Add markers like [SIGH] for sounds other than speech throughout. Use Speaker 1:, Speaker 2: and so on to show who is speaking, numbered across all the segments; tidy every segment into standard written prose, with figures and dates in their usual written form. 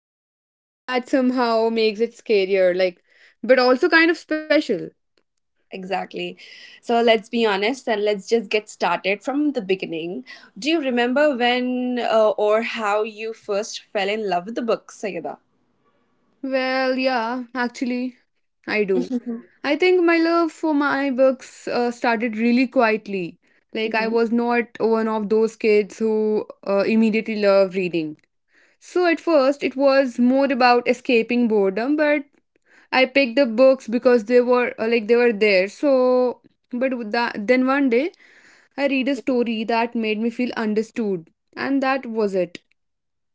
Speaker 1: But that somehow makes it scarier, like, but also kind of special.
Speaker 2: Exactly. So let's be honest and let's just get started from the beginning. Do you remember when or how you first fell in love with the book, Sayeda?
Speaker 1: Well, yeah, actually, I do.
Speaker 2: [LAUGHS]
Speaker 1: I think my love for my books started really quietly. Like, I
Speaker 2: Mm-hmm.
Speaker 1: was not one of those kids who immediately love reading. So, at first, it was more about escaping boredom, but I picked up books because they were they were there. So, but with that, then one day, I read a story that made me feel understood, and that was it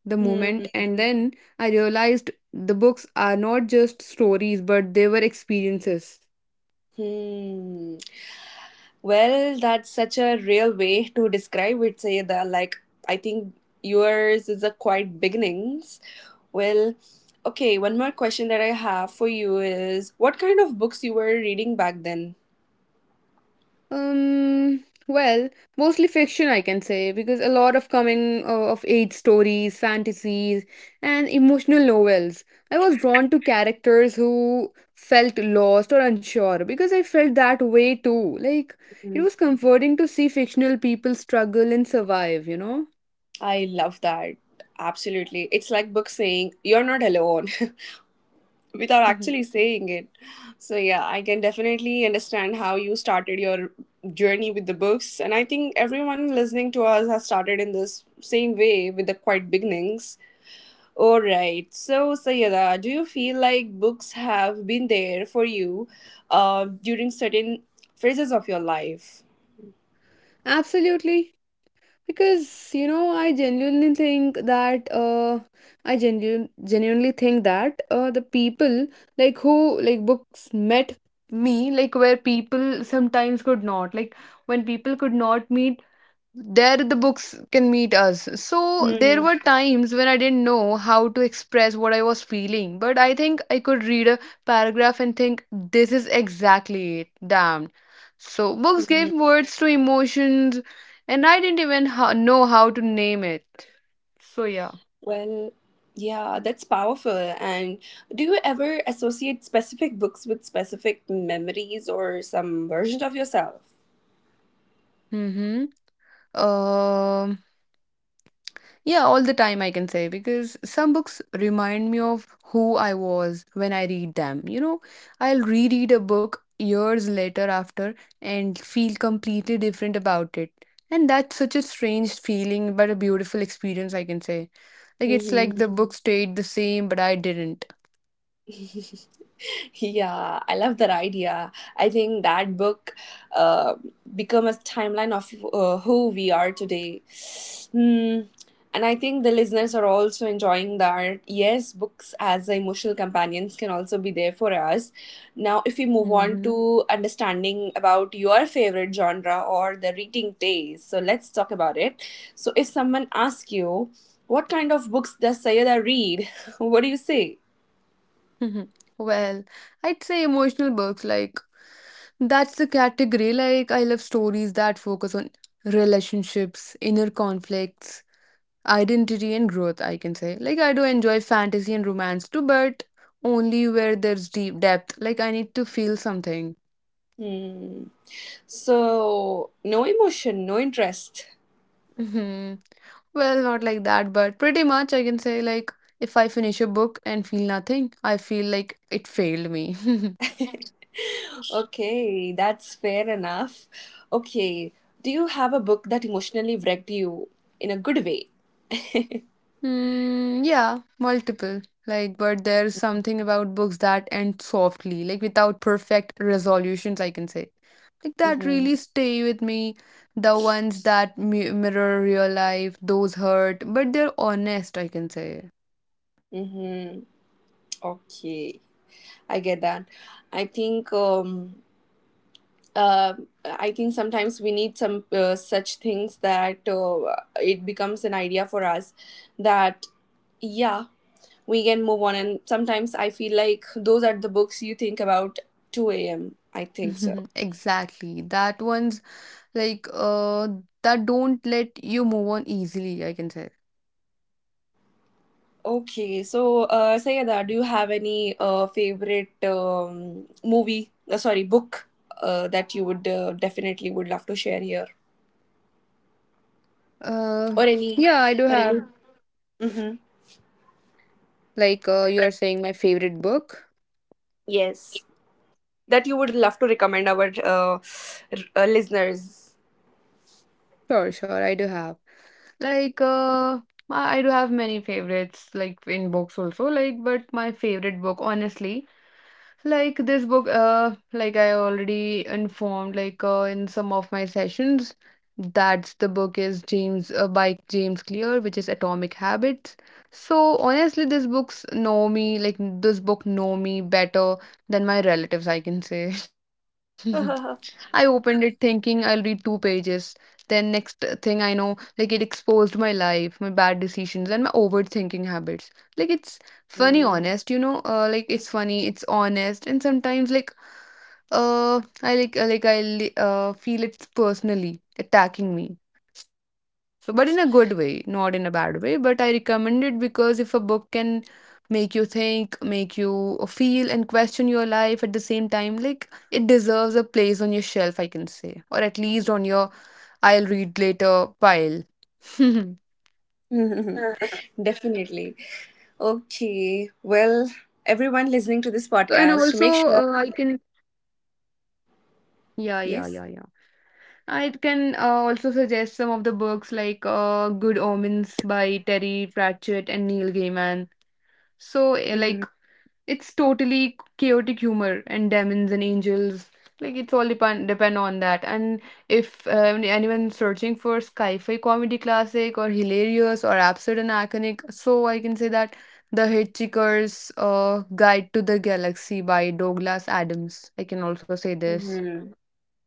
Speaker 1: the moment. And then I realized the books are not just stories, but they were experiences.
Speaker 2: Mm-hmm. Well, that's such a real way to describe it, say that, like, I think yours is a quite beginnings. Well, okay, one more question that I have for you is, what kind of books you were reading back then?
Speaker 1: Well, mostly fiction, I can say, because a lot of coming of age stories, fantasies, and emotional novels. I was drawn to characters who felt lost or unsure because I felt that way too. Like, it
Speaker 2: Mhm.
Speaker 1: was comforting to see fictional people struggle and survive, you know?
Speaker 2: I love that. Absolutely. It's like book saying you're not alone, [LAUGHS] without actually
Speaker 1: [LAUGHS]
Speaker 2: saying it. So yeah, I can definitely understand how you started your journey with the books, and I think everyone listening to us has started in this same way with the quiet beginnings. All right. So Sayada, do you feel like books have been there for you during certain phases of your life?
Speaker 1: Absolutely. Because you know, I genuine, genuinely think that the people like who like books met me like where people sometimes could not like when people could not meet there, the books can meet us. So there
Speaker 2: Hmm.
Speaker 1: were times when I didn't know how to express what I was feeling, but I think I could read a paragraph and think this is exactly it, damn. So books gave words to emotions, and I didn't even know how to name it. So yeah.
Speaker 2: Well, yeah, that's powerful. And do you ever associate specific books with specific memories or some version of yourself?
Speaker 1: mhm um Yeah, all the time, I can say, because some books remind me of who I was when I read them. You know, I'll reread a book years later after and feel completely different about it. And that's such a strange feeling, but a beautiful experience, I can say. Like, it's like
Speaker 2: Mm-hmm.
Speaker 1: the book stayed the same, but I didn't.
Speaker 2: Yeah, I love that idea. I think that book uh, become a timeline of who we are today. Hmm. And I think the listeners are also enjoying that. Yes, books as emotional companions can also be there for us. Now, if we move on
Speaker 1: hmm
Speaker 2: to understanding about your favorite genre or the reading taste, so let's talk about it. So, if someone asks you, what kind of books does Sayada read? [LAUGHS] What do you say?
Speaker 1: [LAUGHS] Well, I'd say emotional books, like, that's the category. Like, I love stories that focus on relationships, inner conflicts, identity, and growth, I can say. Like, I do enjoy fantasy and romance too, but only where there's deep depth. Like, I need to feel something.
Speaker 2: Hmm. So, no emotion, no interest. [LAUGHS]
Speaker 1: hmm well, not like that, but pretty much, I can say. Like, if I finish a book and feel nothing, I feel like it failed me. [LAUGHS]
Speaker 2: Okay, that's fair enough. Okay, do you have a book that emotionally wrecked you in a good way?
Speaker 1: Mm, yeah, multiple. Like, but there's something about books that end softly, like without perfect resolutions, I can say. Like that
Speaker 2: Mm-hmm.
Speaker 1: really stay with me. The ones that mi mirror real life, those hurt, but they're honest, I can say.
Speaker 2: Mm-hmm. Okay, I get that. I think um uh I think sometimes we need some such things that it becomes an idea for us that yeah, we can move on. And sometimes I feel like those are the books you think about 2 a.m., I think so.
Speaker 1: [LAUGHS] Exactly. That ones like that don't let you move on easily, I can say.
Speaker 2: Okay, so Sayada, do you have any favorite movie? Sorry, book that you would definitely would love to share here,
Speaker 1: Uh,
Speaker 2: or any,
Speaker 1: yeah, I do
Speaker 2: or any.
Speaker 1: have.
Speaker 2: Mm-hmm.
Speaker 1: Like you're saying my favorite book.
Speaker 2: Yes, that you would love to recommend our listeners.
Speaker 1: Sure, sure, I do have. Like, uh, I do have many favorites, like in books also, like, but my favorite book, honestly, like this book, like I already informed, like, in some of my sessions, that's the book is James, by James Clear, which is Atomic Habits. So honestly, this books know me, like, this book know me better than my relatives, I can say. [LAUGHS] I opened
Speaker 2: [LAUGHS]
Speaker 1: it thinking I'll read two pages. Then, next thing I know, like it exposed my life, my bad decisions, and my overthinking habits. Like, it's funny, honest, you know? Like, it's funny, it's honest, and sometimes, like, feel it's personally attacking me. So, but in a good way, not in a bad way. But I recommend it because if a book can make you think, make you feel, and question your life at the same time, like it deserves a place on your shelf, I can say, or at least on your I'll read later pile. [LAUGHS]
Speaker 2: Mhm. Definitely. Okay. Well,
Speaker 1: And also,
Speaker 2: everyone listening to this podcast, make sure.
Speaker 1: yeah, yeah, yeah, yeah.
Speaker 2: Yes.
Speaker 1: I can also suggest some of the books like Good Omens by Terry Pratchett and Neil Gaiman. So,
Speaker 2: Mm-hmm.
Speaker 1: it's totally chaotic humor and demons and angels. Like it's all depend on that. And if anyone searching for sci-fi comedy classic or hilarious or absurd and iconic, so I can say that The Hitchhiker's Guide to the Galaxy by Douglas Adams. I can also say this.
Speaker 2: Mm-hmm.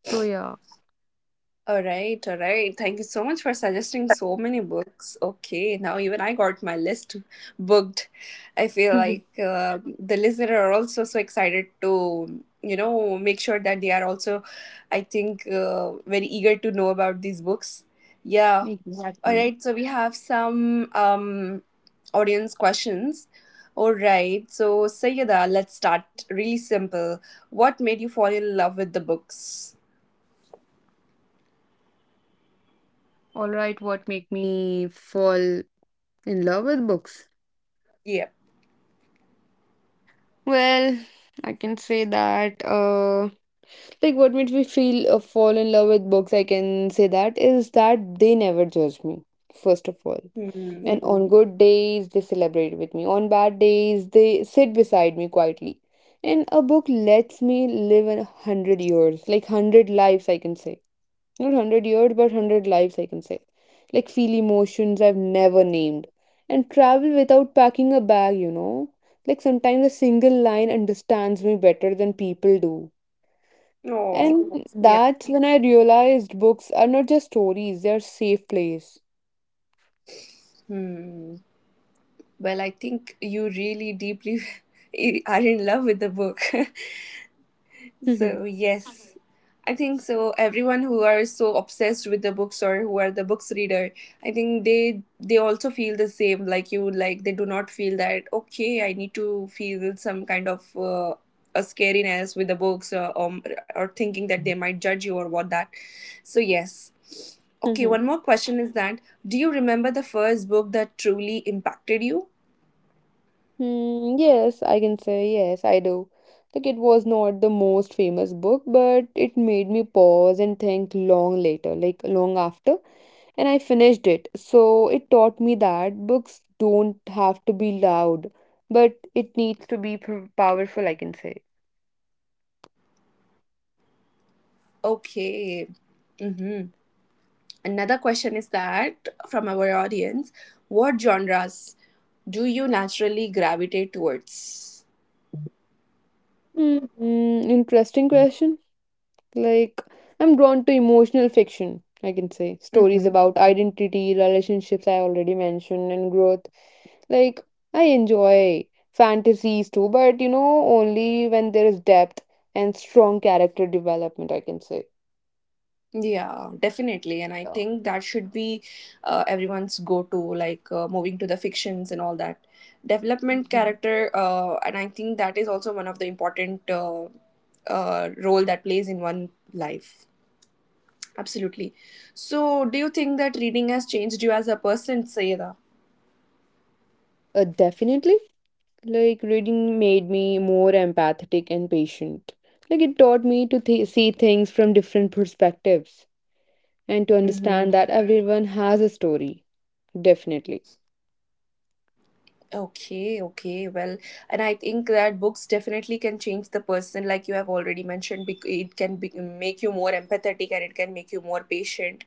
Speaker 1: So yeah.
Speaker 2: All right, all right. Thank you so much for suggesting
Speaker 1: [LAUGHS]
Speaker 2: so many books. Okay, now even I got my list booked. I feel
Speaker 1: Mhm.
Speaker 2: like the listener are also so excited to, you know, make sure that they are also, I think, very eager to know about these books. Yeah. All
Speaker 1: Exactly.
Speaker 2: right, so we have some audience questions. All right, so Sayada, let's start really simple. What made you fall in love with the books?
Speaker 1: All right, what make me fall in love with books?
Speaker 2: Yeah.
Speaker 1: Well, I can say that Like, what made me feel fall in love with books, I can say that, is that they never judge me, first of all.
Speaker 2: Hmm.
Speaker 1: And on good days, they celebrate with me. On bad days, they sit beside me quietly. And a book lets me live in a hundred years, like hundred lives, I can say. Not hundred years, but hundred lives, I can say. Like, feel emotions I've never named. And travel without packing a bag, you know? Like, sometimes a single line understands me better than people do.
Speaker 2: Oh,
Speaker 1: And
Speaker 2: yeah.
Speaker 1: that's when I realized books are not just stories, they're safe place.
Speaker 2: Hmm. Well, I think you really deeply [LAUGHS] are in love with the book. [LAUGHS]
Speaker 1: Mhm.
Speaker 2: So, yes. I think so. Everyone who are so obsessed with the books or who are the books reader, I think they also feel the same like you. Like they do not feel that, okay, I need to feel some kind of a scariness with the books, or thinking that they might judge you or what that. So yes, okay,
Speaker 1: Mhm.
Speaker 2: one more question is that, do you remember the first book that truly impacted you?
Speaker 1: Hmm, yes, I can say yes, I do. Like it was not the most famous book, but it made me pause and think long later, like long after. And I finished it. So it taught me that books don't have to be loud, but it needs to be powerful, I can say.
Speaker 2: Okay. Mm-hmm. Another question is that from our audience, what genres do you naturally gravitate towards?
Speaker 1: Mm, interesting question. Like, I'm drawn to emotional fiction, I can say. Stories
Speaker 2: Mm-hmm.
Speaker 1: about identity, relationships, I already mentioned, and growth. Like, I enjoy fantasies too, but you know, only when there is depth and strong character development, I can say.
Speaker 2: Yeah, definitely. And I
Speaker 1: Yeah.
Speaker 2: think
Speaker 1: [LAUGHS]
Speaker 2: that should be everyone's go to, like, moving to the fictions and all that. Development character, and I think that is also one of the important role that plays in one life. Absolutely. So, do you think that reading has changed you as a person, Sayeda?
Speaker 1: Definitely. Like reading made me more empathetic and patient. Like it taught me to see things from different perspectives and to understand
Speaker 2: Mm-hmm.
Speaker 1: that everyone has a story. Definitely.
Speaker 2: Okay, okay. Well, and I think that books definitely can change the person, like you have already mentioned. It can be, make you more empathetic, and it can make you more patient.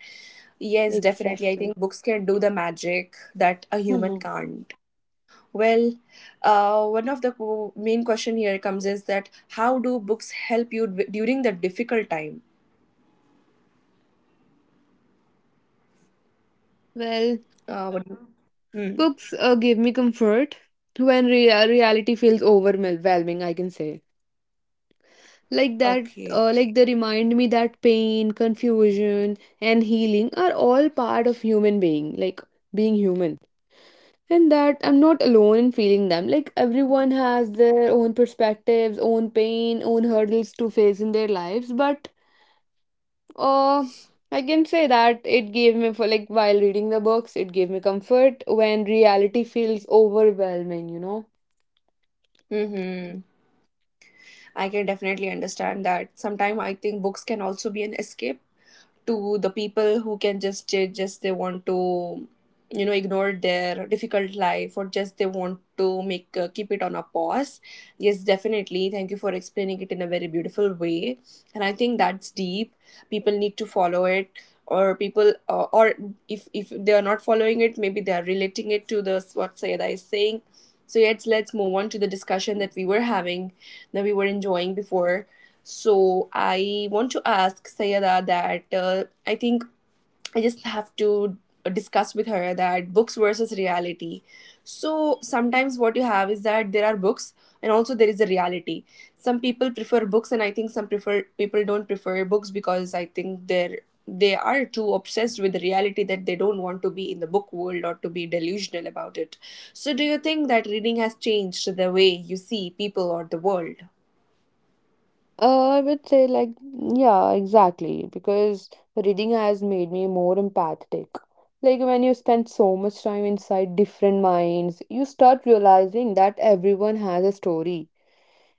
Speaker 2: Yes, definitely. I
Speaker 1: Exactly.
Speaker 2: think books can do the magic that a human
Speaker 1: Mhm.
Speaker 2: can't. Well, one of the main question here comes is that, how do books help you during the difficult time?
Speaker 1: Well,
Speaker 2: What, Hmm.
Speaker 1: books give me comfort when reality feels overwhelming, I can say. Like that
Speaker 2: Okay.
Speaker 1: like They remind me that pain, confusion, and healing are all part of human being, like being human, and that I'm not alone in feeling them. Like everyone has their own perspectives, own pain, own hurdles to face in their lives, but uh I can say that it gave me for like while reading the books it gave me comfort when reality feels overwhelming, you know.
Speaker 2: Mm-hmm. I can definitely understand that. Sometimes I think books can also be an escape to the people who can just just they want to, you know, ignore their difficult life, or just they want to make keep it on a pause. Yes, definitely. Thank you for explaining it in a very beautiful way, and I think that's deep. People need to follow it, or people, or if they are not following it, maybe they are relating it to the what Sayada is saying. So yet, let's move on to the discussion that we were having, that we were enjoying before. So I want to ask Sayada that, I think I just have to discuss with her that books versus reality. So sometimes what you have is that there are books, and also there is a reality. Some people prefer books, and I think some prefer people don't prefer books, because I think they're they are too obsessed with the reality that they don't want to be in the book world or to be delusional about it. So do you think that reading has changed the way you see people or the world?
Speaker 1: I would say, like, yeah, exactly, because reading has made me more empathetic. Like, when you spend so much time inside different minds, you start realizing that everyone has a story.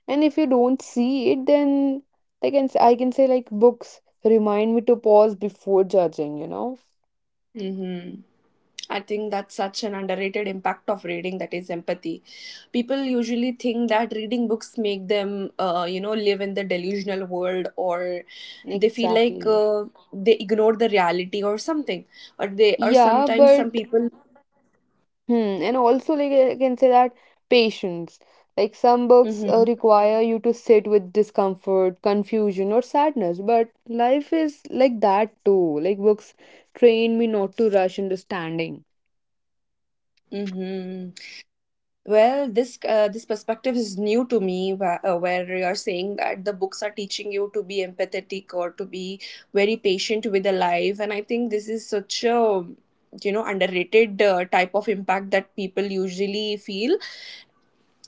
Speaker 1: And if you don't see it, then I can say, like, books remind me to pause before judging, you know?
Speaker 2: Mm-hmm. I think that's such an underrated impact of reading that is empathy. People usually think that reading books make them, you know, live in the delusional world or they feel like
Speaker 1: Exactly.
Speaker 2: they ignore the reality or something. Or they, or
Speaker 1: Yeah,
Speaker 2: sometimes some
Speaker 1: but
Speaker 2: people.
Speaker 1: and also like I can say that patience. Like some books
Speaker 2: Mm-hmm,
Speaker 1: require you to sit with discomfort, confusion, or sadness, but life is like that too. Like books train me not to rush understanding.
Speaker 2: mm-hmm. Well, this this perspective is new to me, where you're saying that the books are teaching you to be empathetic or to be very patient with the life, and I think this is such a, you know, underrated type of impact that people usually feel.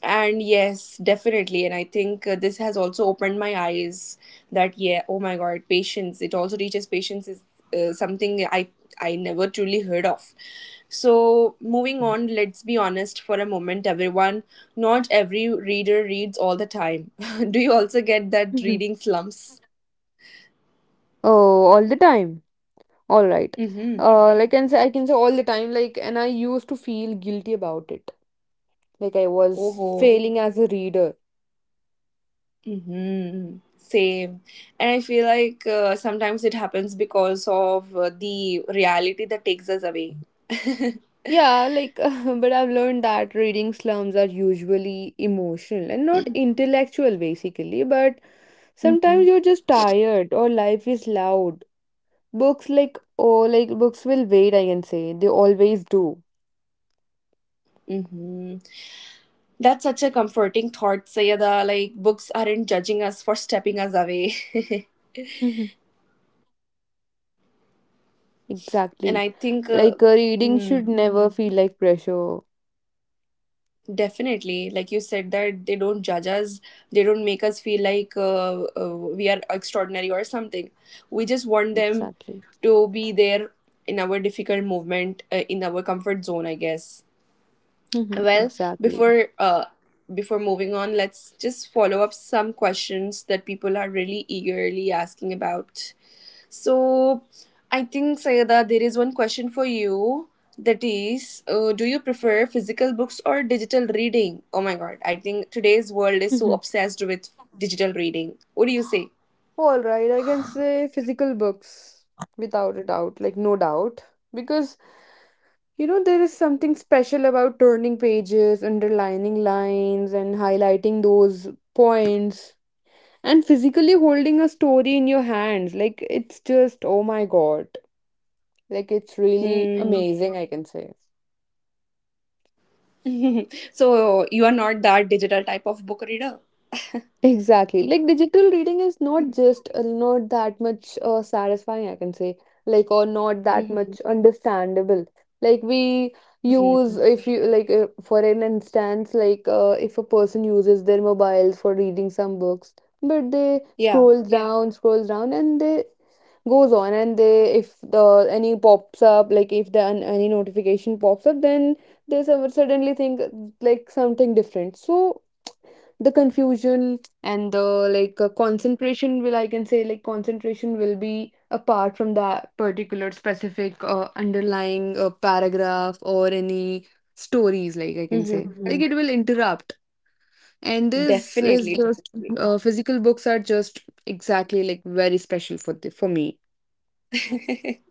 Speaker 2: And yes, definitely. And I think this has also opened my eyes that, yeah, oh my God, patience. It also teaches patience is something I never truly heard of. So, moving on, let's be honest for a moment, everyone. Not every reader reads all the time. [LAUGHS] Do you also get that
Speaker 1: Mhm.
Speaker 2: reading slumps?
Speaker 1: Oh, all the time. All right.
Speaker 2: Mm-hmm.
Speaker 1: I can say all the time. Like, and I used to feel guilty about it. Like I was
Speaker 2: Oh,
Speaker 1: failing as a reader.
Speaker 2: mm-hmm. Same. And I feel like sometimes it happens because of the reality that takes us away. [LAUGHS]
Speaker 1: Yeah, like, [LAUGHS] but I've learned that reading slums are usually emotional and not intellectual, basically. But
Speaker 2: Mm-hmm.
Speaker 1: sometimes you're just tired or life is loud. Books, like, books will wait, I can say. They always do.
Speaker 2: Mm-hmm. That's such a comforting thought, Sayada. Like, books aren't judging us for stepping us away.
Speaker 1: Mhm.
Speaker 2: [LAUGHS] And
Speaker 1: Exactly.
Speaker 2: I think,
Speaker 1: Like, reading should
Speaker 2: mm,
Speaker 1: never Mhm. feel like pressure.
Speaker 2: definitely, like you said, that they don't judge us, they don't make us feel like we are extraordinary or something. We just want them
Speaker 1: Exactly.
Speaker 2: to be there in our difficult movement, in our comfort zone, I guess.
Speaker 1: Mhm.
Speaker 2: Well,
Speaker 1: Exactly.
Speaker 2: before uh, before moving on, let's just follow up some questions that people are really eagerly asking about. So, I think Sayada, there is one question for you. That is, do you prefer physical books or digital reading? Oh my God, I think today's world is so
Speaker 1: Mhm.
Speaker 2: obsessed with digital reading. What do you say?
Speaker 1: All right, I can say physical books without a doubt, like, no doubt. Because you know, there is something special about turning pages, underlining lines, and highlighting those points, and physically holding a story in your hands. Like, it's just, oh my god. Like, it's really
Speaker 2: Hmm.
Speaker 1: amazing, I can say.
Speaker 2: [LAUGHS] So you are not that digital type of book reader.
Speaker 1: Exactly. Like digital reading is not just not that much satisfying, I can say, like or not that
Speaker 2: Mm-hmm.
Speaker 1: much understandable. Like we use if you like for an instance, like if a person uses their mobiles for reading some books, but they
Speaker 2: Yeah.
Speaker 1: scrolls Yeah. down, scrolls down, and they goes on and they if the any pops up, like if any notification pops up, then they suddenly think like something different. So the confusion and the like concentration will, I can say, like concentration will be apart from that particular specific underlying paragraph or any stories, like I can say, like
Speaker 2: Mm-hmm.
Speaker 1: it will interrupt. And this is
Speaker 2: Definitely,
Speaker 1: just
Speaker 2: definitely.
Speaker 1: physical books are just exactly like very special for the, for me.
Speaker 2: [LAUGHS]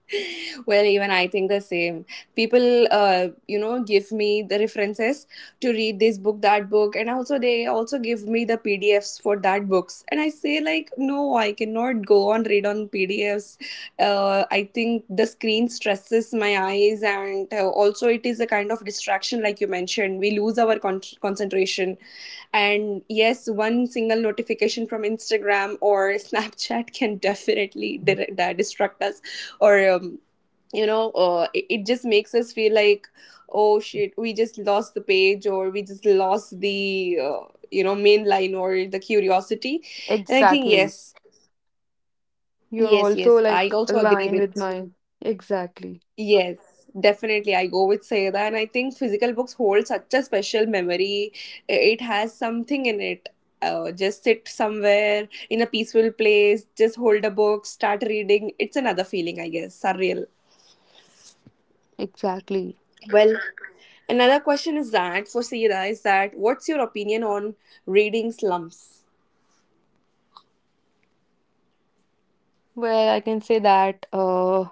Speaker 2: Well, even I think the same. People, you know, give me the references to read this book, that book, and also they also give me the PDFs for that books. And I say like, no, I cannot go on read on PDFs. I think the screen stresses my eyes, and also it is a kind of distraction, like you mentioned. We lose our concentration, and yes, one single notification from Instagram or [LAUGHS] Snapchat can definitely dir- that distract us or it just makes us feel like, oh shit, we just lost the page, or we just lost the main line or the curiosity. And I think
Speaker 1: Exactly.
Speaker 2: yes,
Speaker 1: You're
Speaker 2: yes
Speaker 1: also
Speaker 2: yes
Speaker 1: like
Speaker 2: I also agree
Speaker 1: aligned
Speaker 2: with,
Speaker 1: with mine. Exactly.
Speaker 2: yes, definitely, I go with Sayada. And I think physical books hold such a special memory. It has something in it. Just sit somewhere in a peaceful place, just hold a book, start reading. It's another feeling, I guess, surreal.
Speaker 1: Exactly.
Speaker 2: Well, another question is that for Sira is that, what's your opinion on reading slums?
Speaker 1: Well, I can say that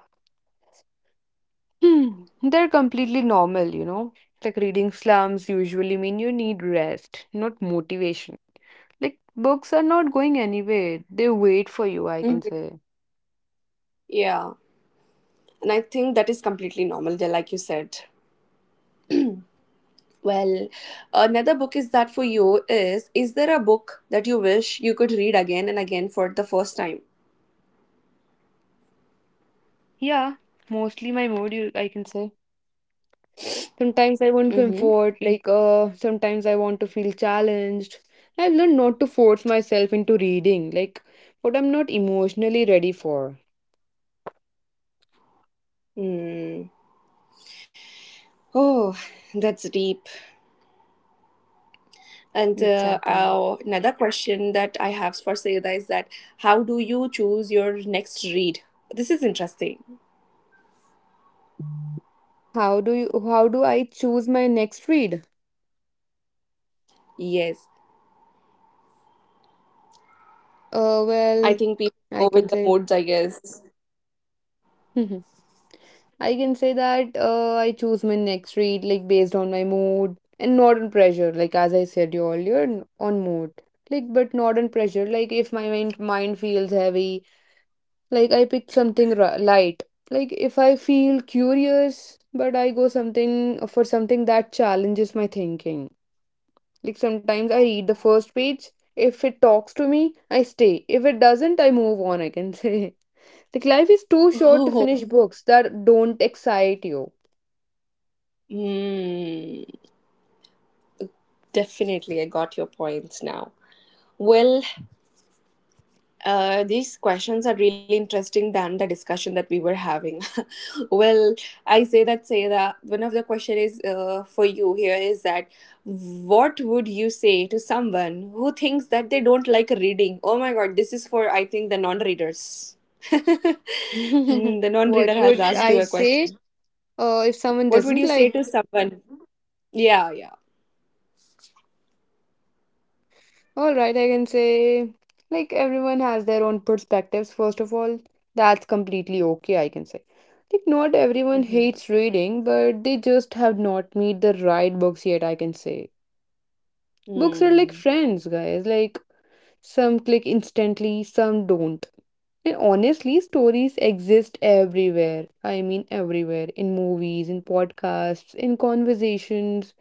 Speaker 1: hmm, they're completely normal, you know. Like reading slums usually mean you need rest, not motivation. Like books are not going anywhere. They wait for you, I can
Speaker 2: Mhm.
Speaker 1: say.
Speaker 2: Yeah, and I think that is completely normal, yeah, like you said. Well, another book is that for you is there a book that you wish you could read again and again for the first time?
Speaker 1: Yeah, mostly my mood, you, I can say. Sometimes I want
Speaker 2: Mm-hmm.
Speaker 1: comfort, like sometimes I want to feel challenged. I've learned not to force myself into reading, like what I'm not emotionally ready for.
Speaker 2: Hmm. Oh, that's deep. And
Speaker 1: Exactly.
Speaker 2: another question that I have for Sayeda is that, how do you choose your next read? This is interesting.
Speaker 1: How do I choose my next read?
Speaker 2: Yes.
Speaker 1: Uh
Speaker 2: I
Speaker 1: well,
Speaker 2: think people
Speaker 1: I
Speaker 2: go
Speaker 1: can
Speaker 2: with the
Speaker 1: say
Speaker 2: modes, I guess.
Speaker 1: [LAUGHS] I can say that I choose my next read like based on my mood and not on pressure. Like as I said you earlier, on mood. Like but not on pressure. Like if my mind feels heavy, like I pick something light. Like if I feel curious, but I go something for something that challenges my thinking. Like sometimes I read the first page. If it talks to me, I stay. If it doesn't, I move on, I can say. [LAUGHS] Like life is too short to finish
Speaker 2: Oh,
Speaker 1: books that don't excite you.
Speaker 2: mm, definitely. I got your points now. Well, these questions are really interesting than the discussion that we were having. [LAUGHS] Well, I say that one of the question is, for you here is that, what would you say to someone who thinks that they don't like reading? Oh my God, this is for, I think, the non-readers. [LAUGHS] The
Speaker 1: [LAUGHS]
Speaker 2: non-reader
Speaker 1: What
Speaker 2: has
Speaker 1: would
Speaker 2: asked you
Speaker 1: I
Speaker 2: a question.
Speaker 1: say? If someone
Speaker 2: What would
Speaker 1: doesn't
Speaker 2: you say
Speaker 1: like,
Speaker 2: to someone? Yeah, yeah.
Speaker 1: all right, I can say, like, everyone has their own perspectives, first of all. That's completely okay, I can say. Like, not everyone
Speaker 2: Mm-hmm.
Speaker 1: hates reading, but they just have not met the right books yet, I can say. Books are like
Speaker 2: Mm.
Speaker 1: friends, guys. Like, some click instantly, some don't. And honestly, stories exist everywhere. I mean, everywhere. In movies, in podcasts, in conversations,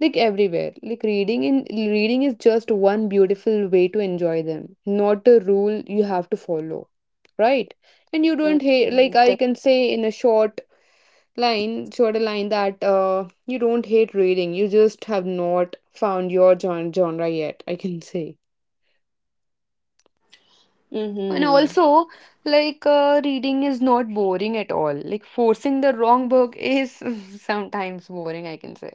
Speaker 1: like everywhere, like reading is just one beautiful way to enjoy them, not a rule you have to follow, right? And you don't hate,
Speaker 2: Mm-hmm.
Speaker 1: like I
Speaker 2: Def-
Speaker 1: can say in a short line, shorter line, that you don't hate reading, you just have not found your genre yet, I can say. And
Speaker 2: Mm-hmm.
Speaker 1: also, like reading is not boring at all, like forcing the wrong book is [LAUGHS] sometimes boring, I can say.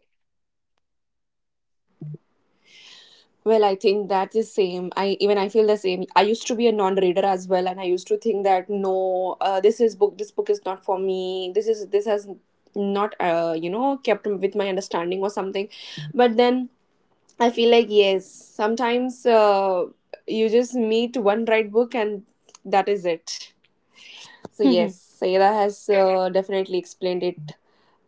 Speaker 2: Well, I think that's the same. I even, I feel the same. I used to be a non-reader as well, and I used to think that no, this is book. This book is not for me. This is, this has not kept with my understanding or something. But then I feel like, yes, sometimes you just meet one right book, and that is it. So yes,
Speaker 1: [LAUGHS]
Speaker 2: Sarah has definitely explained it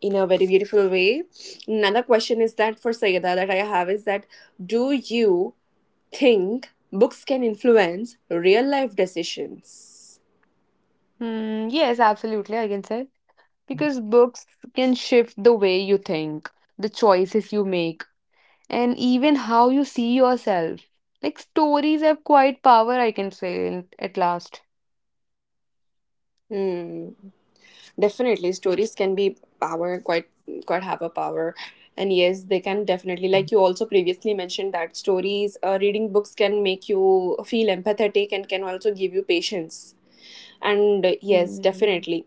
Speaker 2: in a very beautiful way. Another question is that for Sayada that I have is that, do you think books can influence real life decisions?
Speaker 1: Hmm, yes, absolutely, I can say. Because books can shift the way you think, the choices you make, and even how you see yourself. Like stories have quite power, I can say, at last.
Speaker 2: Hmm. Definitely, stories can be power, quite, quite have a power, and yes, they can definitely, like you also previously mentioned, that stories, reading books can make you feel empathetic and can also give you patience. And yes,
Speaker 1: Mm.
Speaker 2: definitely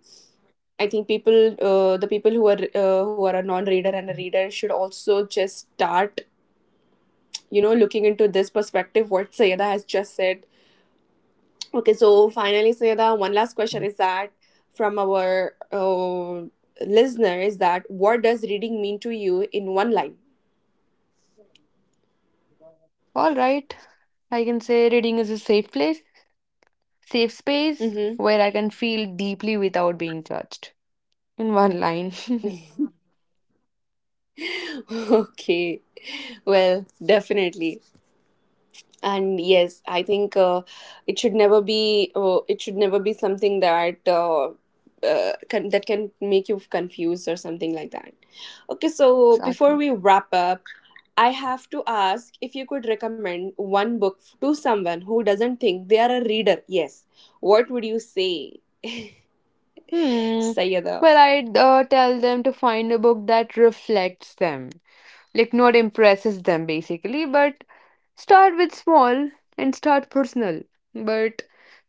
Speaker 2: I think people, the people who are a non-reader and a reader, should also just start, you know, looking into this perspective. What Sayeda has just said. Okay, so finally, Sayeda, one last question is that from our listener is that, what does reading mean to you in one line?
Speaker 1: All right, I can say reading is a safe place, safe space
Speaker 2: Mm-hmm.
Speaker 1: where I can feel deeply without being judged. In one line. [LAUGHS]
Speaker 2: [LAUGHS] Okay, well, definitely. And yes, I think it should never be, it should never be something that, can, that can make you confused or something like that. Okay, so before
Speaker 1: Exactly.
Speaker 2: we wrap up, I have to ask, if you could recommend one book to someone who doesn't think they are a reader, yes, what would you say,
Speaker 1: Hmm.
Speaker 2: Sayada?
Speaker 1: Well, I'd tell them to find a book that reflects them, like not impresses them basically. But start with small and start personal. But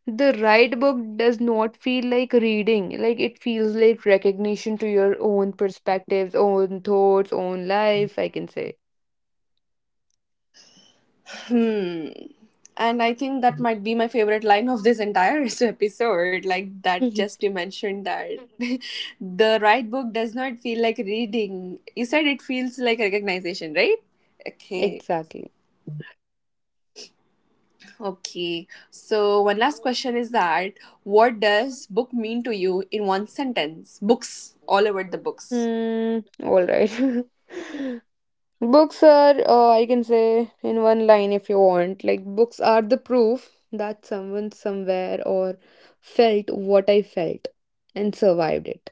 Speaker 1: the right book does not feel like reading, like it feels like recognition to your own perspectives, own thoughts, own life, I can say.
Speaker 2: Hmm. And I think that might be my favorite line of this entire [LAUGHS] episode. Like that,
Speaker 1: Mhm.
Speaker 2: just you mentioned that [LAUGHS] the right book does not feel like reading. You said it feels like recognition, right? Okay.
Speaker 1: Exactly.
Speaker 2: Okay. So, one last question is that, what does book mean to you in one sentence? Books, all over the books.
Speaker 1: Hmm, all right. [LAUGHS] Books are, I can say in one line if you want, like books are the proof that someone somewhere or felt what I felt and survived it.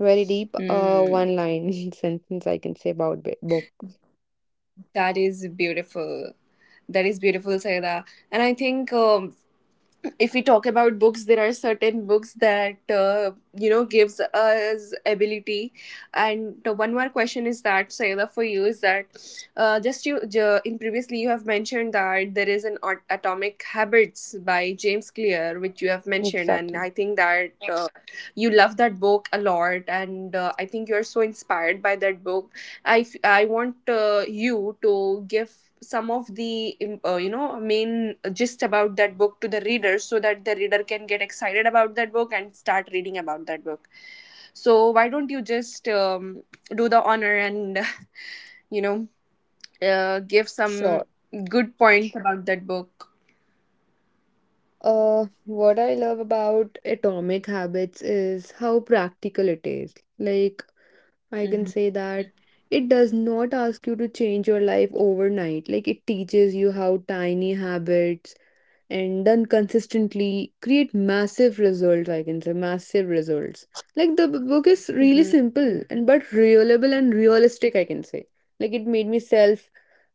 Speaker 1: Very deep,
Speaker 2: Hmm.
Speaker 1: one line [LAUGHS] sentence I can say about book.
Speaker 2: That is beautiful. That is beautiful, Saida. And I think if we talk about books, there are certain books that, you know, gives us ability. And the one more question is that, Sayada, for you is that, in previously you have mentioned that there is an Atomic Habits by James Clear, which you have mentioned, and I
Speaker 1: Exactly.
Speaker 2: think that you love that book a lot, and I think you're so inspired by that book. I, I want you to give some of the you know, main gist about that book to the reader, so that the reader can get excited about that book and start reading about that book. So why don't you just do the honor, and [LAUGHS] you know, give some
Speaker 1: Sure.
Speaker 2: good points about that book.
Speaker 1: What I love about Atomic Habits is how practical it is. Like, I can
Speaker 2: Hmm.
Speaker 1: say that it does not ask you to change your life overnight. Like, it teaches you how tiny habits and done consistently create massive results, I can say, massive results. Like the book is really simple and but reliable and realistic, I can say. Like it made me self,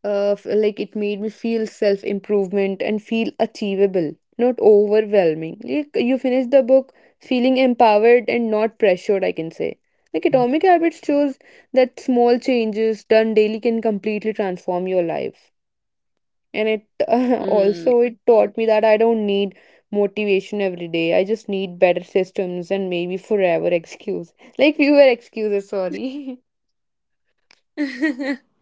Speaker 1: like it made me feel self improvement and feel achievable, not overwhelming. Like you finish the book feeling empowered and not pressured, I can say. Like Atomic Habits shows that small changes done daily can completely transform your life. And it [LAUGHS]
Speaker 2: Hmm.
Speaker 1: also it taught me that I don't need motivation every day. I just need better systems and maybe forever [LAUGHS] excuse. Like fewer excuses, sorry. [LAUGHS]
Speaker 2: [LAUGHS]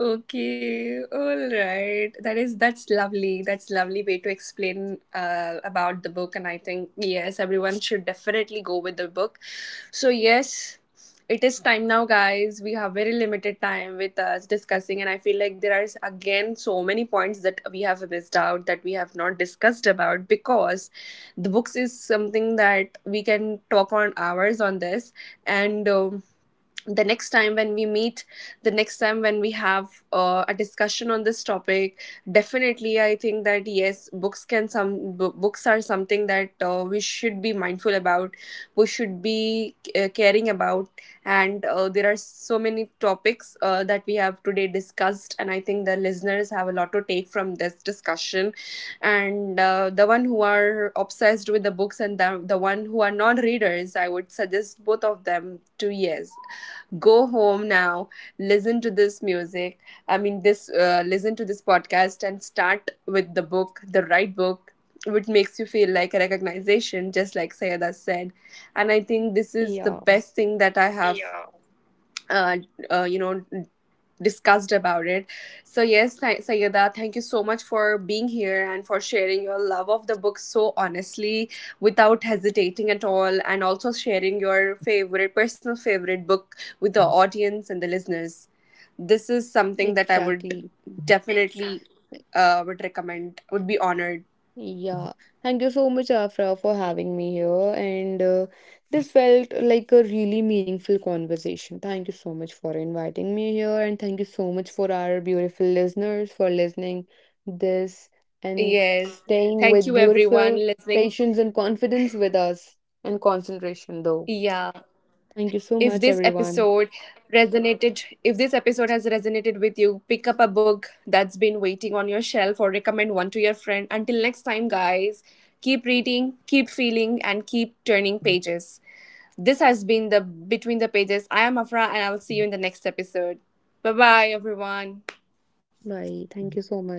Speaker 2: Okay, all right. That is, that's lovely. That's lovely way to explain about the book, and I think yes, everyone should definitely go with the book. So yes, it is time now, guys. We have very limited time with us discussing, and I feel like there are again so many points that we have missed out, that we have not discussed about, because the books is something that we can talk on hours on this. And. The next time when we meet, the next time when we have a discussion on this topic, definitely I think that yes, books can some books are something that we should be mindful about, we should be caring about. And there are so many topics that we have today discussed, and I think the listeners have a lot to take from this discussion. And the one who are obsessed with the books, and the one who are non-readers, I would suggest both of them to, yes, go home now, listen to this music, I mean this, listen to this podcast, and start with the book, the right book, which makes you feel like a recognition, just like Sayada said. And I think this is the
Speaker 1: Yeah,
Speaker 2: best thing that I have. Yeah. uh, you know, discussed about it. So yes, Sayeda, thank you so much for being here and for sharing your love of the book so honestly, without hesitating at all, and also sharing your favorite, personal favorite book with the audience and the listeners. This is something that I would
Speaker 1: exactly.
Speaker 2: definitely would recommend. Would be honored.
Speaker 1: Yeah, thank you so much, Afra, for having me here. And this felt like a really meaningful conversation. Thank you so much for inviting me here. And thank you so much for our beautiful listeners for listening this and
Speaker 2: Yes,
Speaker 1: staying
Speaker 2: thank
Speaker 1: with
Speaker 2: you everyone
Speaker 1: beautiful
Speaker 2: listening.
Speaker 1: patience and confidence with us and concentration, though.
Speaker 2: Yeah.
Speaker 1: Thank you so
Speaker 2: If
Speaker 1: much,
Speaker 2: this
Speaker 1: everyone.
Speaker 2: episode resonated, if this episode has resonated with you, pick up a book that's been waiting on your shelf, or recommend one to your friend. Until next time, guys, keep reading, keep feeling, and keep turning pages. This has been The Between the Pages. I am Afra, and I will see you in the next episode. Bye bye, everyone.
Speaker 1: Bye. Thank you so much.